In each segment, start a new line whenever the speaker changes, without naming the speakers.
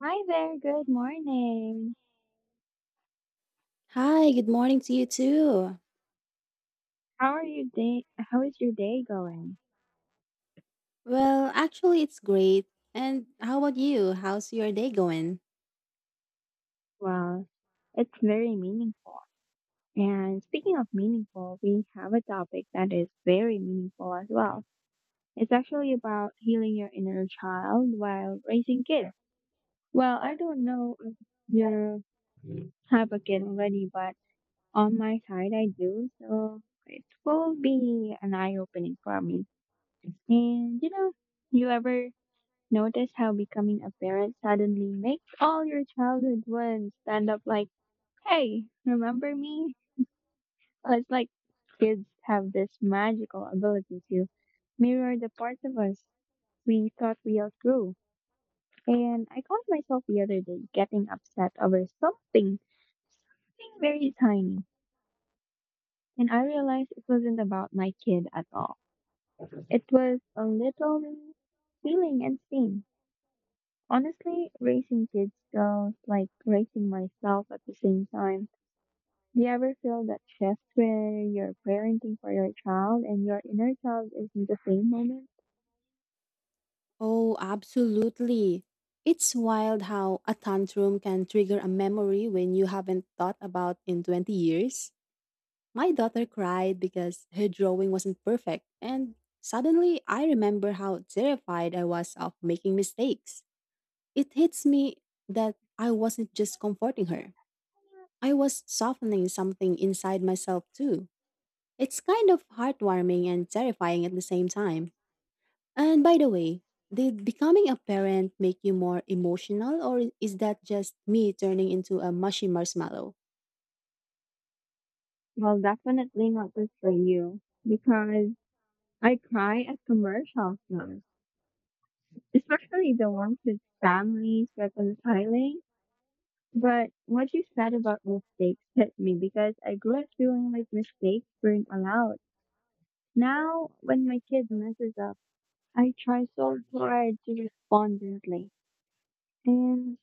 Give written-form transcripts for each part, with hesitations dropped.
Hi there, good morning.
Hi, good morning to you too.
How are your day? How is your day going?
Actually, it's great. And how about you? How's your day going?
Well, it's very meaningful. And speaking of meaningful, we have a topic that is very meaningful as well. It's actually about healing your inner child while raising kids. Well, I don't know if you have a kid already, but on my side, I do. So it will be an eye opening for me. And you know, you ever notice how becoming a parent suddenly makes all your childhood ones stand up like, hey, remember me? It's like kids have this magical ability to mirror the parts of us we thought we outgrew. And I caught myself the other day getting upset over something very tiny. And I realized it wasn't about my kid at all. It was a little feeling and scene. Honestly, raising kids feels like raising myself at the same time. Do you ever feel that shift where you're parenting for your child and your inner child is in the same moment?
Oh, absolutely. It's wild how a tantrum can trigger a memory when you haven't thought about in 20 years. My daughter cried because her drawing wasn't perfect, and suddenly I remember how terrified I was of making mistakes. It hits me that I wasn't just comforting her. I was softening something inside myself too. It's kind of heartwarming and terrifying at the same time. And by the way, did becoming a parent make you more emotional, or is that just me turning into a mushy marshmallow?
Well, definitely not just for you, because I cry at commercials now, especially the ones with families reconciling. But what you said about mistakes hit me because I grew up feeling like mistakes weren't allowed. Now, when my kid messes up, I try so hard to respond gently, and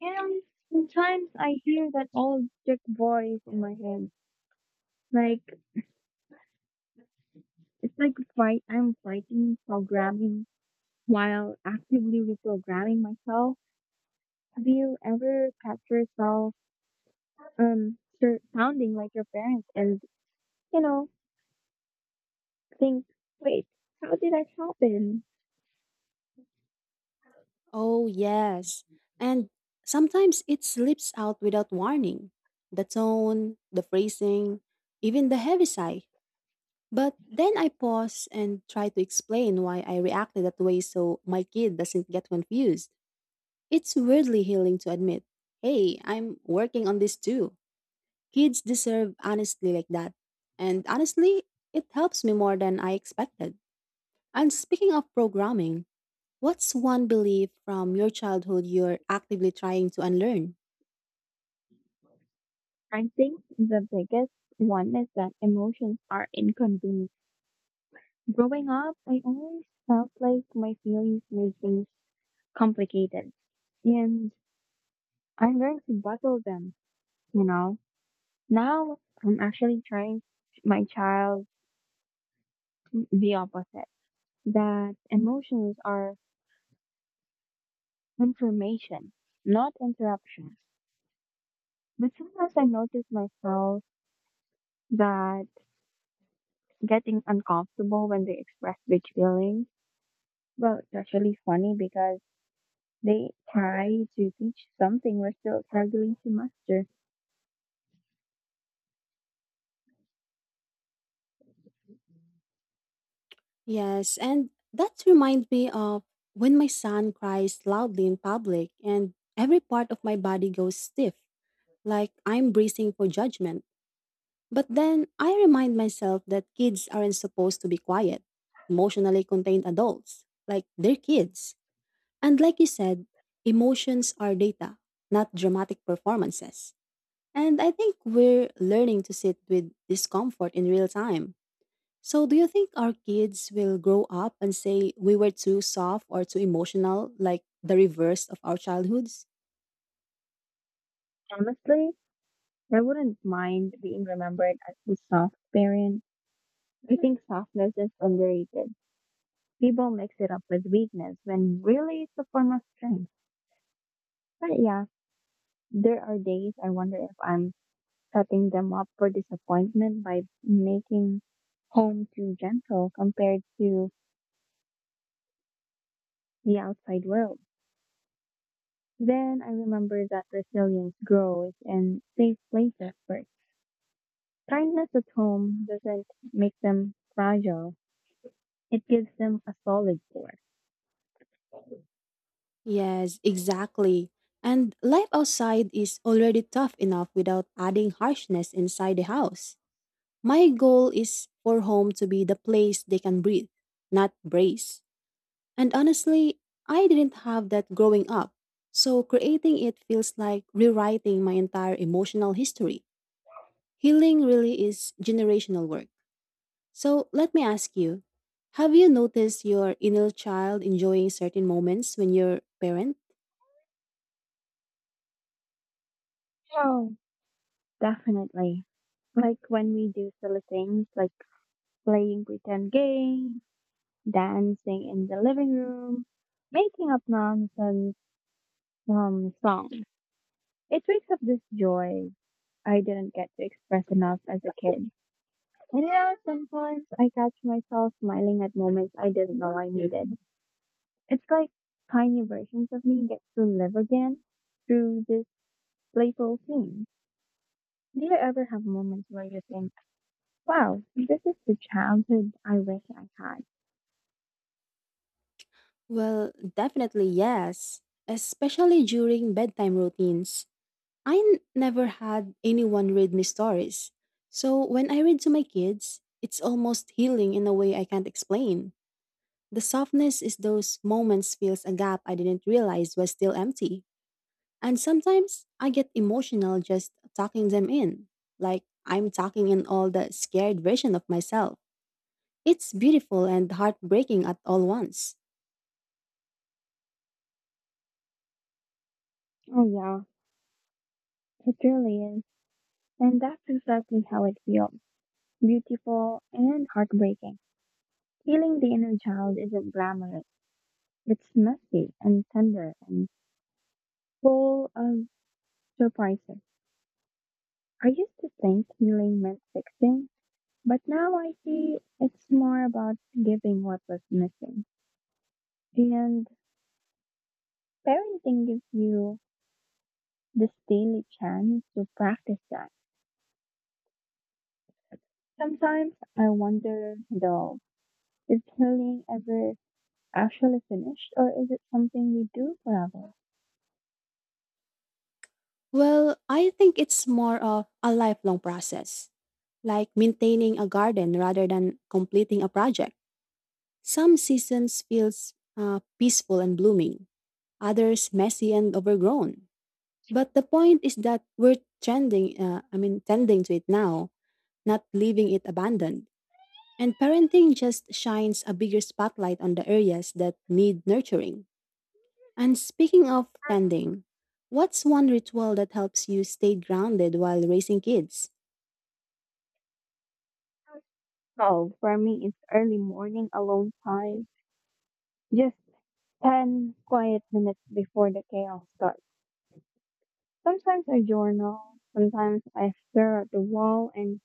you know, sometimes I hear that old sick voice in my head. Like it's like fight. I'm fighting programming while actively reprogramming myself. Have you ever catch yourself sounding like your parents and you know think, wait, how did that happen?
Oh, yes. And sometimes it slips out without warning. The tone, the phrasing, even the heavy sigh. But then I pause and try to explain why I reacted that way so my kid doesn't get confused. It's weirdly healing to admit hey, I'm working on this too. Kids deserve honesty like that. And honestly, it helps me more than I expected. And speaking of programming, what's one belief from your childhood you're actively trying to unlearn?
I think the biggest one is that emotions are inconvenient. Growing up, I always felt like my feelings were just complicated, and I learned to bottle them, you know. Now I'm actually trying my child the opposite, that emotions are information, not interruptions. But sometimes I notice myself that getting uncomfortable when they express big feelings. Well, it's actually funny because they try to teach something we're still struggling to master.
Yes, and that reminds me of when my son cries loudly in public and every part of my body goes stiff, like I'm bracing for judgment. But then I remind myself that kids aren't supposed to be quiet, emotionally contained adults, like they're kids. And like you said, emotions are data, not dramatic performances. And I think we're learning to sit with discomfort in real time. So, do you think our kids will grow up and say we were too soft or too emotional, like the reverse of our childhoods?
Honestly, I wouldn't mind being remembered as the soft parent. I think softness is underrated. People mix it up with weakness when really it's a form of strength. But yeah, there are days I wonder if I'm setting them up for disappointment by making home too gentle compared to the outside world. Then I remember that resilience grows in safe places first. Kindness at home doesn't make them fragile. It gives them a solid core.
Yes, exactly. And life outside is already tough enough without adding harshness inside the house. My goal is for home to be the place they can breathe, not brace. And honestly, I didn't have that growing up. So creating it feels like rewriting my entire emotional history. Healing really is generational work. So let me ask you, have you noticed your inner child enjoying certain moments when you're parent?
Oh, definitely. Like when we do silly things like playing pretend games, dancing in the living room, making up nonsense songs. It wakes up this joy I didn't get to express enough as a kid. And yeah, sometimes I catch myself smiling at moments I didn't know I needed. It's like tiny versions of me get to live again through this playful scene. Do you ever have moments where you think, wow, this is the childhood I wish I had?
Well, definitely yes, especially during bedtime routines. Never had anyone read me stories. So when I read to my kids, it's almost healing in a way I can't explain. The softness is those moments fills a gap I didn't realize was still empty. And sometimes I get emotional just talking them in, like I'm talking in all the scared version of myself. It's beautiful and heartbreaking at all once.
Oh, yeah, it really is. And that's exactly how it feels, beautiful and heartbreaking. Healing the inner child isn't glamorous, it's messy and tender and full of surprises. I used to think healing meant fixing, but now I see it's more about giving what was missing. And parenting gives you this daily chance to practice that. Sometimes I wonder, though, is healing ever actually finished or is it something we do forever?
Well, I think it's more of a lifelong process, like maintaining a garden rather than completing a project. Some seasons feels peaceful and blooming, others messy and overgrown. But the point is that we're tending to it now, not leaving it abandoned. And parenting just shines a bigger spotlight on the areas that need nurturing. And speaking of tending, what's one ritual that helps you stay grounded while raising kids?
Oh, for me, it's early morning alone time, just 10 quiet minutes before the chaos starts. Sometimes I journal, sometimes I stare at the wall and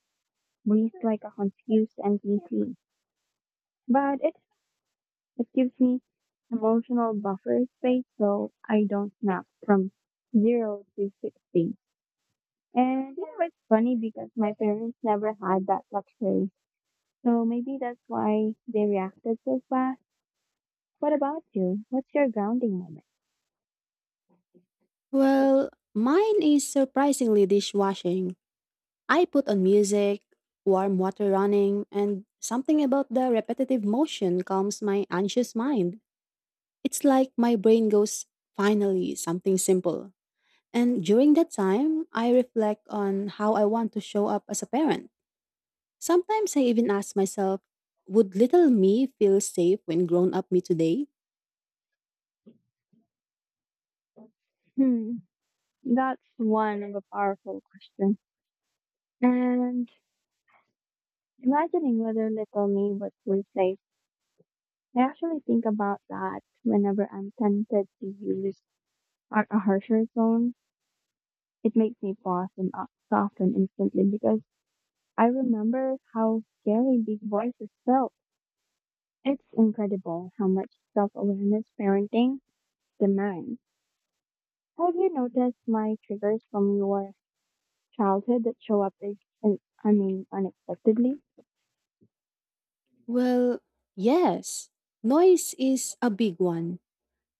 breathe like a confused NPC. But it gives me emotional buffer space so I don't snap from 0 to 60. And you know, it's funny because my parents never had that luxury. So maybe that's why they reacted so fast. What about you? What's your grounding moment?
Well, mine is surprisingly dishwashing. I put on music, warm water running, and something about the repetitive motion calms my anxious mind. It's like my brain goes, finally, something simple. And during that time, I reflect on how I want to show up as a parent. Sometimes I even ask myself, would little me feel safe when grown up me today?
Hmm, that's one of a powerful question. And imagining whether little me would feel safe. I actually think about that whenever I'm tempted to use a harsher tone. It makes me pause and soften instantly because I remember how scary big voices felt. It's incredible how much self-awareness parenting demands. Have you noticed my triggers from your childhood that show up as, I mean, unexpectedly?
Well, yes. Noise is a big one.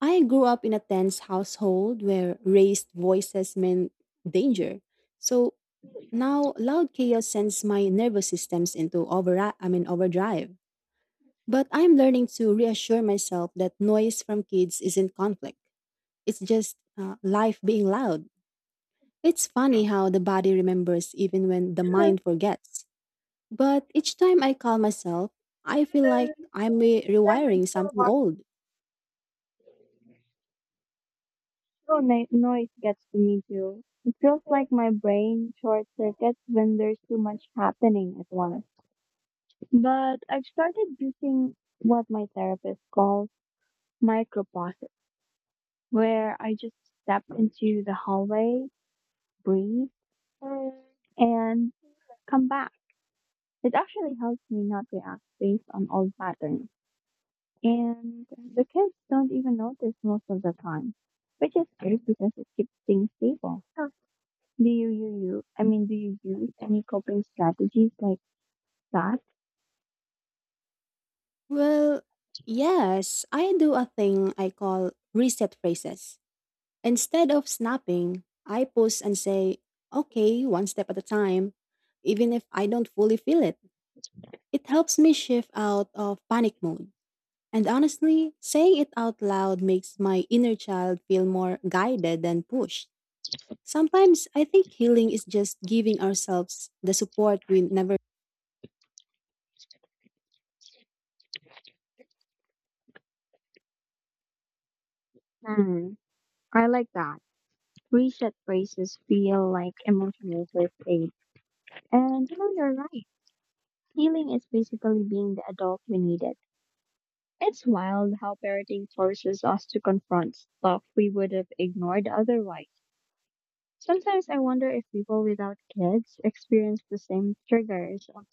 I grew up in a tense household where raised voices meant danger. So now loud chaos sends my nervous systems into overdrive. But I'm learning to reassure myself that noise from kids isn't conflict. It's just life being loud. It's funny how the body remembers even when the mind forgets. But each time I calm myself, I feel like rewiring something old.
Oh, no, noise gets to me too. It feels like my brain short circuits when there's too much happening at once. But I've started using what my therapist calls micropauses, where I just step into the hallway, breathe, and come back. It actually helps me not react based on old patterns. And the kids don't even notice most of the time, which is great because it keeps things stable. Oh, do I mean, do you use any coping strategies like that?
Well, yes, I do a thing I call reset phrases. Instead of snapping, I pause and say, okay, one step at a time, even if I don't fully feel it. It helps me shift out of panic mode. And honestly, saying it out loud makes my inner child feel more guided than pushed. Sometimes I think healing is just giving ourselves the support we never.
Man, I like that. Reset phrases feel like emotional first aid. And you know, you're right. Healing is basically being the adult we needed. It's wild how parenting forces us to confront stuff we would have ignored otherwise. Sometimes I wonder if people without kids experience the same triggers or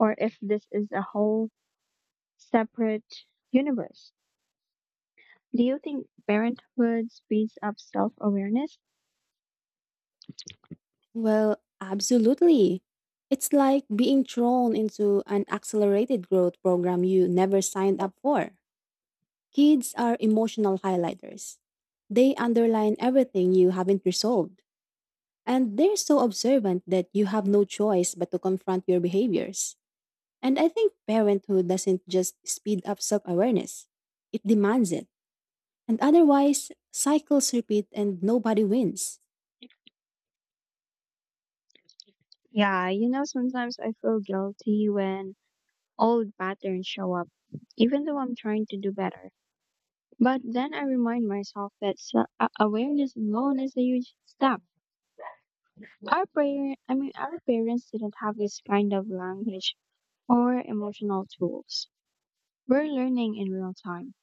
or if this is a whole separate universe. Do you think parenthood speeds up self awareness?
Well, absolutely. It's like being thrown into an accelerated growth program you never signed up for. Kids are emotional highlighters. They underline everything you haven't resolved. And they're so observant that you have no choice but to confront your behaviors. And I think parenthood doesn't just speed up self awareness, it demands it. And otherwise, cycles repeat and nobody wins.
Yeah, you know, sometimes I feel guilty when old patterns show up, even though I'm trying to do better. But then I remind myself that awareness alone is a huge step. I mean, our parents didn't have this kind of language or emotional tools. We're learning in real time,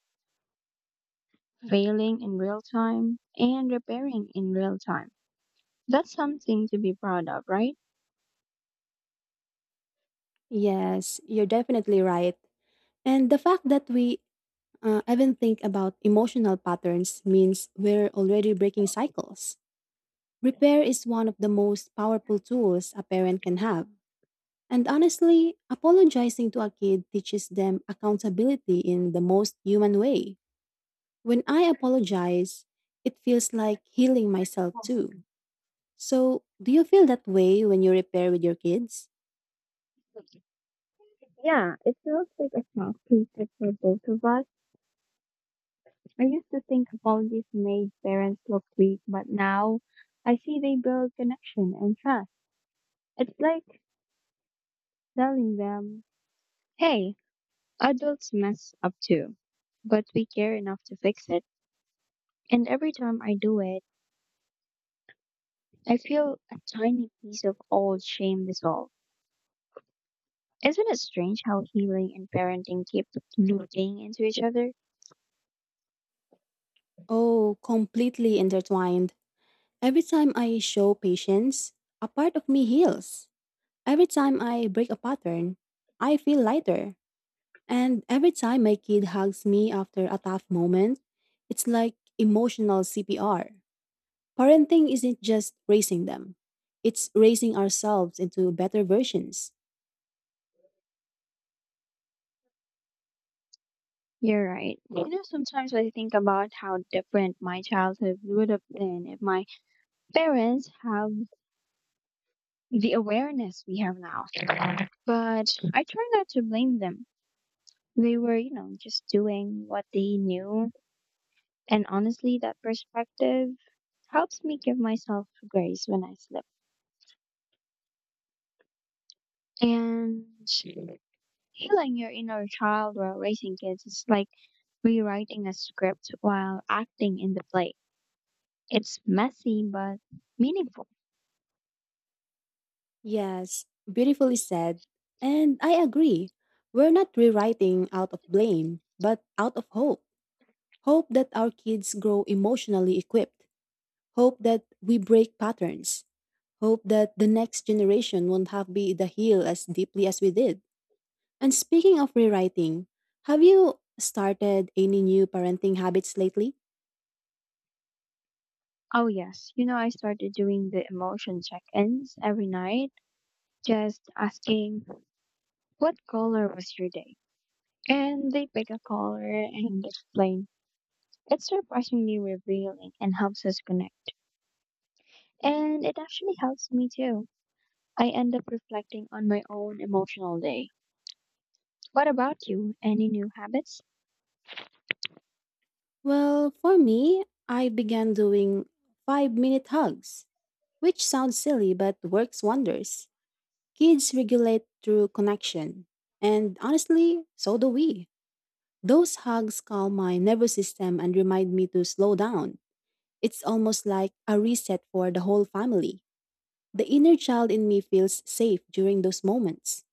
failing in real time, and repairing in real time. That's something to be proud of, right?
Yes, you're definitely right. And the fact that we even think about emotional patterns means we're already breaking cycles. Repair is one of the most powerful tools a parent can have. And honestly, apologizing to a kid teaches them accountability in the most human way. When I apologize, it feels like healing myself too. So, do you feel that way when you repair with your kids?
Yeah, it feels like a small creature for both of us. I used to think apologies made parents look weak, but now I see they build connection and trust. It's like telling them, hey, adults mess up too, but we care enough to fix it. And every time I do it, I feel a tiny piece of old shame dissolve. Isn't it strange how healing and parenting keep looping into each other?
Oh, completely intertwined. Every time I show patience, a part of me heals. Every time I break a pattern, I feel lighter. And every time my kid hugs me after a tough moment, it's like emotional CPR. Parenting isn't just raising them, it's raising ourselves into better versions.
You're right. You know, sometimes I think about how different my childhood would have been if my parents have the awareness we have now. But I try not to blame them. They were, you know, just doing what they knew. And honestly, that perspective helps me give myself grace when I slip. And healing your inner child while raising kids is like rewriting a script while acting in the play. It's messy but meaningful.
Yes, beautifully said. And I agree. We're not rewriting out of blame, but out of hope. Hope that our kids grow emotionally equipped. Hope that we break patterns. Hope that the next generation won't have be the heel as deeply as we did. And speaking of rewriting, have you started any new parenting habits lately?
Oh, yes. You know, I started doing the emotion check ins every night, just asking, what color was your day? And they pick a color and explain. It's surprisingly revealing and helps us connect. And it actually helps me too. I end up reflecting on my own emotional day. What about you? Any new habits?
Well, for me, I began doing 5 minute hugs, which sounds silly but works wonders. Kids regulate through connection. And honestly, so do we. Those hugs calm my nervous system and remind me to slow down. It's almost like a reset for the whole family. The inner child in me feels safe during those moments.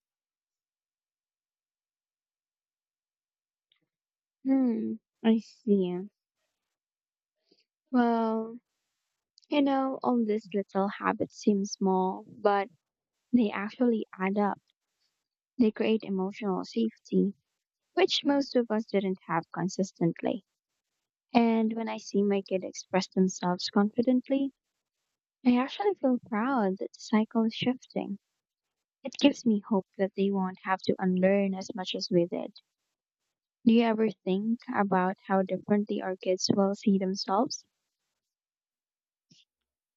Hmm, I see. Well, you know, all these little habits seem small, but they actually add up. They create emotional safety, which most of us didn't have consistently. And when I see my kid express themselves confidently, I actually feel proud that the cycle is shifting. It gives me hope that they won't have to unlearn as much as we did. Do you ever think about how differently our kids will see themselves?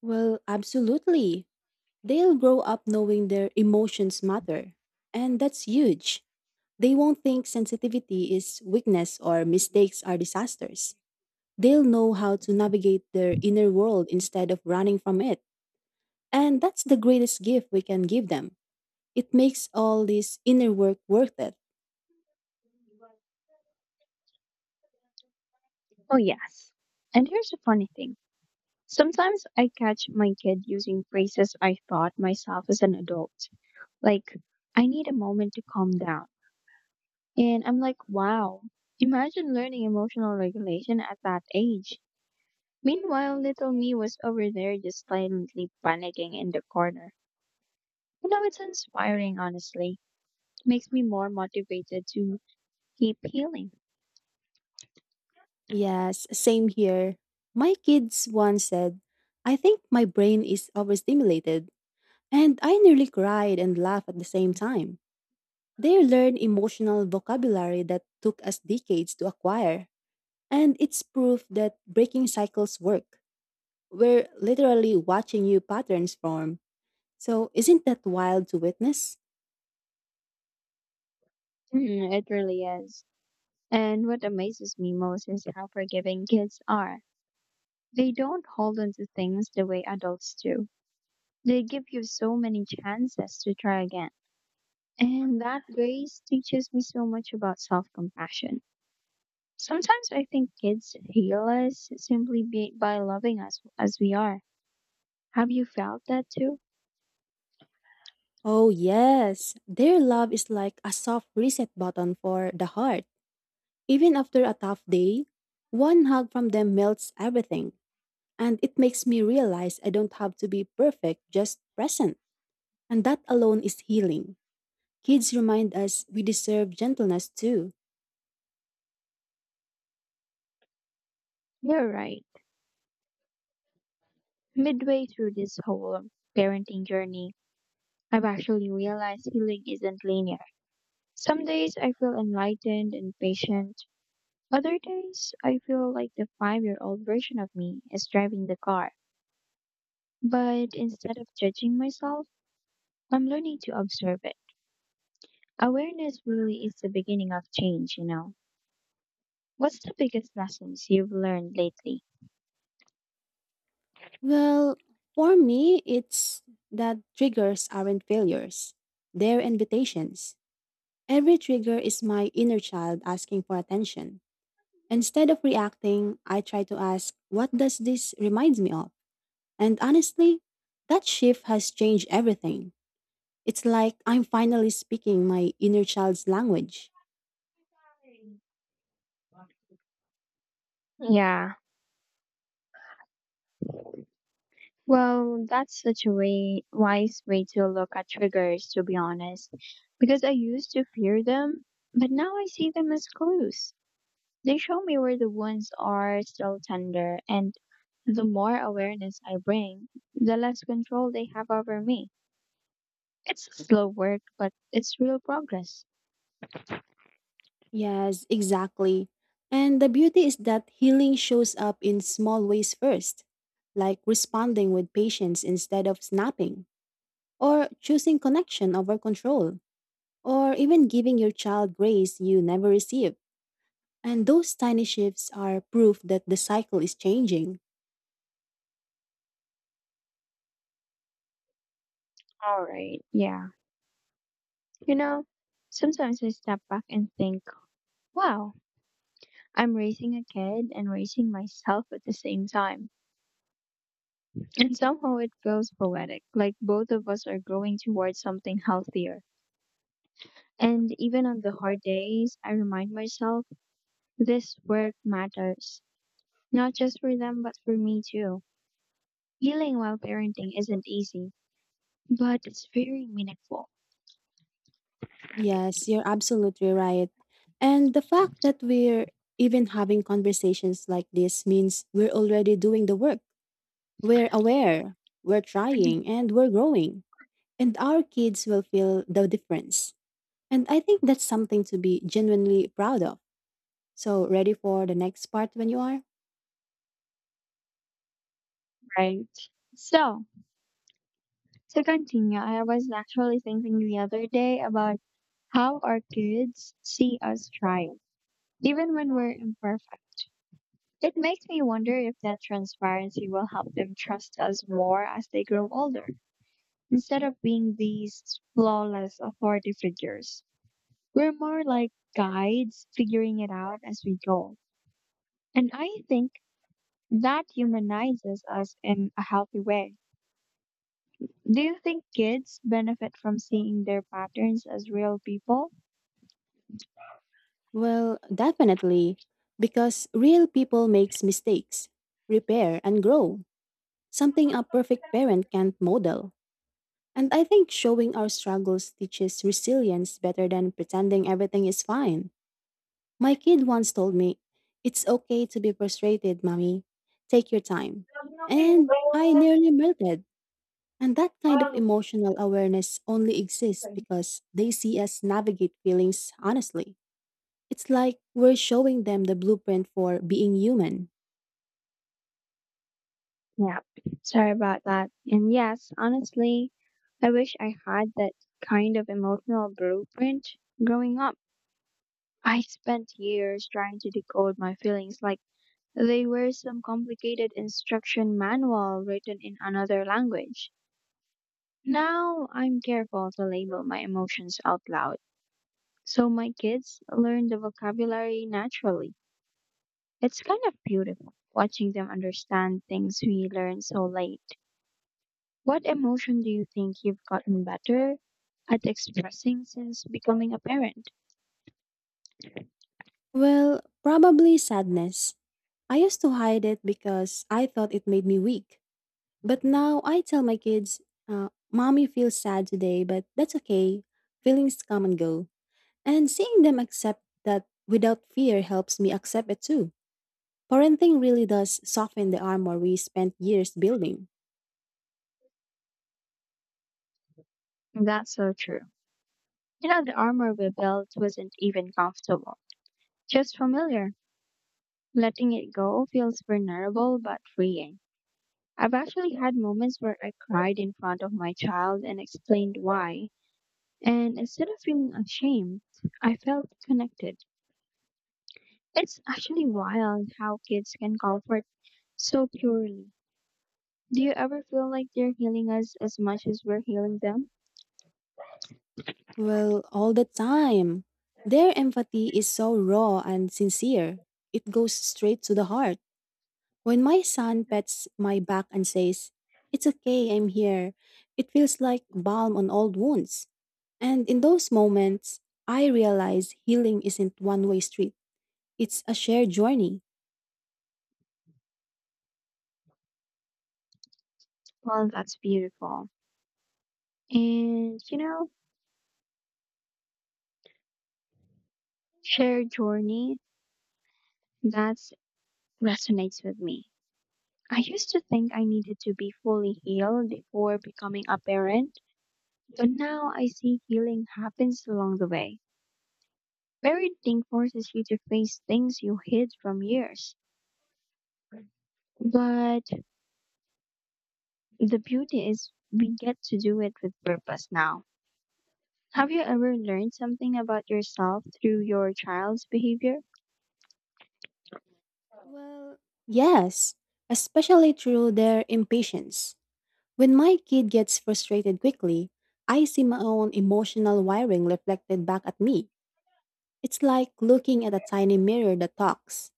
Well, absolutely. They'll grow up knowing their emotions matter. And that's huge. They won't think sensitivity is weakness or mistakes are disasters. They'll know how to navigate their inner world instead of running from it. And that's the greatest gift we can give them. It makes all this inner work worth it.
Oh, yes. And here's the funny thing. Sometimes I catch my kid using phrases I thought myself as an adult, like, I need a moment to calm down. And I'm like, wow, imagine learning emotional regulation at that age. Meanwhile, little me was over there just silently panicking in the corner. You know, it's inspiring, honestly. It makes me more motivated to keep healing.
Yes, same here. My kids once said, I think my brain is overstimulated. And I nearly cried and laughed at the same time. They learn emotional vocabulary that took us decades to acquire. And it's proof that breaking cycles work. We're literally watching new patterns form. So, isn't that wild to witness?
Mm, it really is. And what amazes me most is how forgiving kids are. They don't hold on to things the way adults do. They give you so many chances to try again. And that grace teaches me so much about self compassion. Sometimes I think kids heal us simply by loving us as we are. Have you felt that too?
Oh, yes. Their love is like a soft reset button for the heart. Even after a tough day, one hug from them melts everything. And it makes me realize I don't have to be perfect, just present. And that alone is healing. Kids remind us we deserve gentleness too.
You're right. Midway through this whole parenting journey, I've actually realized healing isn't linear. Some days I feel enlightened and patient. Other days I feel like the 5-year old version of me is driving the car. But instead of judging myself, I'm learning to observe it. Awareness really is the beginning of change, you know. What's the biggest lessons you've learned lately?
Well, for me, it's that triggers aren't failures, they're invitations. Every trigger is my inner child asking for attention. Instead of reacting, I try to ask, what does this remind me of? And honestly, that shift has changed everything. It's like I'm finally speaking my inner child's language.
Yeah, well, that's such wise way to look at triggers, to be honest, because I used to fear them, but now I see them as clues. They show me where the wounds are still tender, and the more awareness I bring, the less control they have over me. It's slow work, but it's real progress.
Yes, exactly. And the beauty is that healing shows up in small ways first, like responding with patience instead of snapping, or choosing connection over control, or even giving your child grace you never received. And those tiny shifts are proof that the cycle is changing.
All right, yeah. You know, sometimes I step back and think, wow, I'm raising a kid and raising myself at the same time. And somehow it feels poetic, like both of us are growing towards something healthier. And even on the hard days, I remind myself this work matters, not just for them, but for me too. Healing while parenting isn't easy, but it's very meaningful.
Yes, you're absolutely right. And the fact that we're even having conversations like this means we're already doing the work. We're aware, we're trying, and we're growing. And our kids will feel the difference. And I think that's something to be genuinely proud of. So, ready for the next part when you are?
Right. So, to continue, I was actually thinking the other day about how our kids see us trying, even when we're imperfect. It makes me wonder if that transparency will help them trust us more as they grow older. Instead of being these flawless authority figures, we're more like guides figuring it out as we go. And I think that humanizes us in a healthy way. Do you think kids benefit from seeing their patterns as real people?
Well, definitely. Because real people makes mistakes, repair, and grow. Something a perfect parent can't model. And I think showing our struggles teaches resilience better than pretending everything is fine. My kid once told me, it's okay to be frustrated, mommy. Take your time. And I nearly melted. And that kind of emotional awareness only exists because they see us navigate feelings honestly. It's like we're showing them the blueprint for being human.
Yeah, sorry about that. And yes, honestly, I wish I had that kind of emotional blueprint. Growing up, I spent years trying to decode my feelings like they were some complicated instruction manual written in another language. Now I'm careful to label my emotions out loud so my kids learn the vocabulary naturally. It's kind of beautiful watching them understand things we learn so late. What emotion do you think you've gotten better at expressing since becoming a parent?
Well, probably sadness. I used to hide it because I thought it made me weak. But now I tell my kids, mommy feels sad today, but that's okay. Feelings come and go. And seeing them accept that without fear helps me accept it too. Parenting really does soften the armor we spent years building.
That's so true. You know, the armor we built wasn't even comfortable, just familiar. Letting it go feels vulnerable but freeing. I've actually had moments where I cried in front of my child and explained why, and instead of feeling ashamed, I felt connected. It's actually wild how kids can comfort so purely. Do you ever feel like they're healing us as much as we're healing them?
Well, all the time. Their empathy is so raw and sincere. It goes straight to the heart. When my son pets my back and says, it's okay, I'm here, it feels like balm on old wounds. And in those moments, I realize healing isn't one way street, it's a shared journey.
Well, that's beautiful. And you know, shared journey, that resonates with me. I used to think I needed to be fully healed before becoming a parent, but now I see healing happens along the way. Parenting forces you to face things you hid from years. But the beauty is we get to do it with purpose now. Have you ever learned something about yourself through your child's behavior?
Well, yes, especially through their impatience. When my kid gets frustrated quickly, I see my own emotional wiring reflected back at me. It's like looking at a tiny mirror that talks.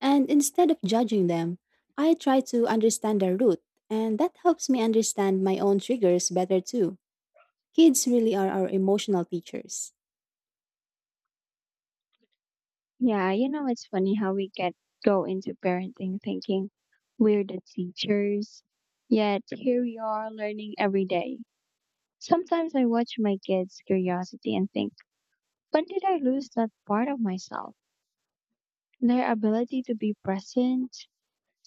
And instead of judging them, I try to understand their root, and that helps me understand my own triggers better too. Kids really are our emotional teachers.
Yeah, you know, it's funny how we get go into parenting thinking we're the teachers, yet here we are learning every day. Sometimes I watch my kids' curiosity and think, when did I lose that part of myself? Their ability to be present,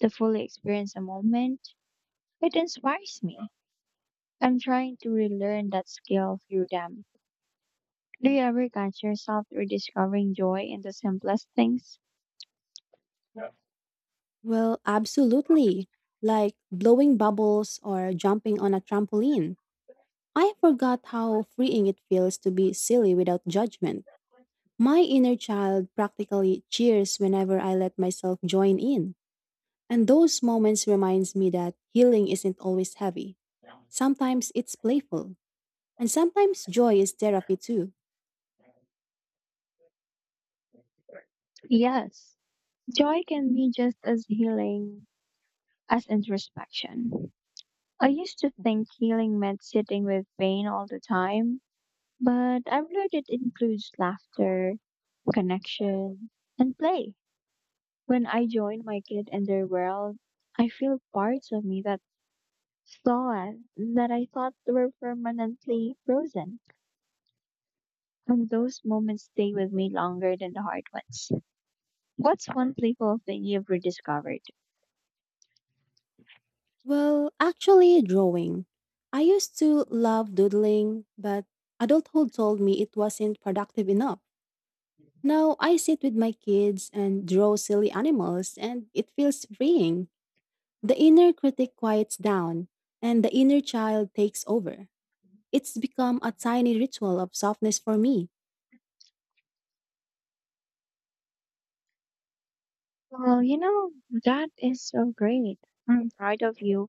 to fully experience a moment, it inspires me. I'm trying to relearn that skill through them. Do you ever catch yourself rediscovering joy in the simplest things?
Well, absolutely. Like blowing bubbles or jumping on a trampoline. I forgot how freeing it feels to be silly without judgment. My inner child practically cheers whenever I let myself join in. And those moments reminds me that healing isn't always heavy. Sometimes it's playful, and sometimes joy is therapy too.
Yes, joy can be just as healing as introspection. I used to think healing meant sitting with pain all the time, but I've learned it includes laughter, connection, and play. When I join my kid in their world, I feel parts of me that thought that I thought were permanently frozen. And those moments stay with me longer than the hard ones. What's one playful thing you've rediscovered?
Well, actually drawing. I used to love doodling, but adulthood told me it wasn't productive enough. Now I sit with my kids and draw silly animals and it feels freeing. The inner critic quiets down and the inner child takes over. It's become a tiny ritual of softness for me.
Well, you know, that is so great. I'm proud of you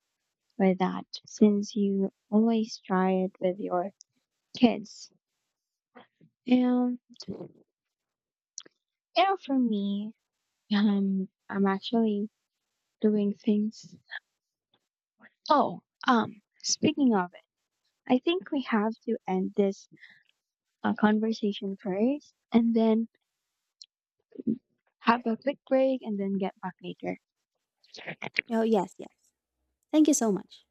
for that since you always try it with your kids. And, you know, for me, I'm actually doing things. Oh, speaking of it, I think we have to end this conversation first and then have a quick break and then get back later.
Oh, yes, yes. Thank you so much.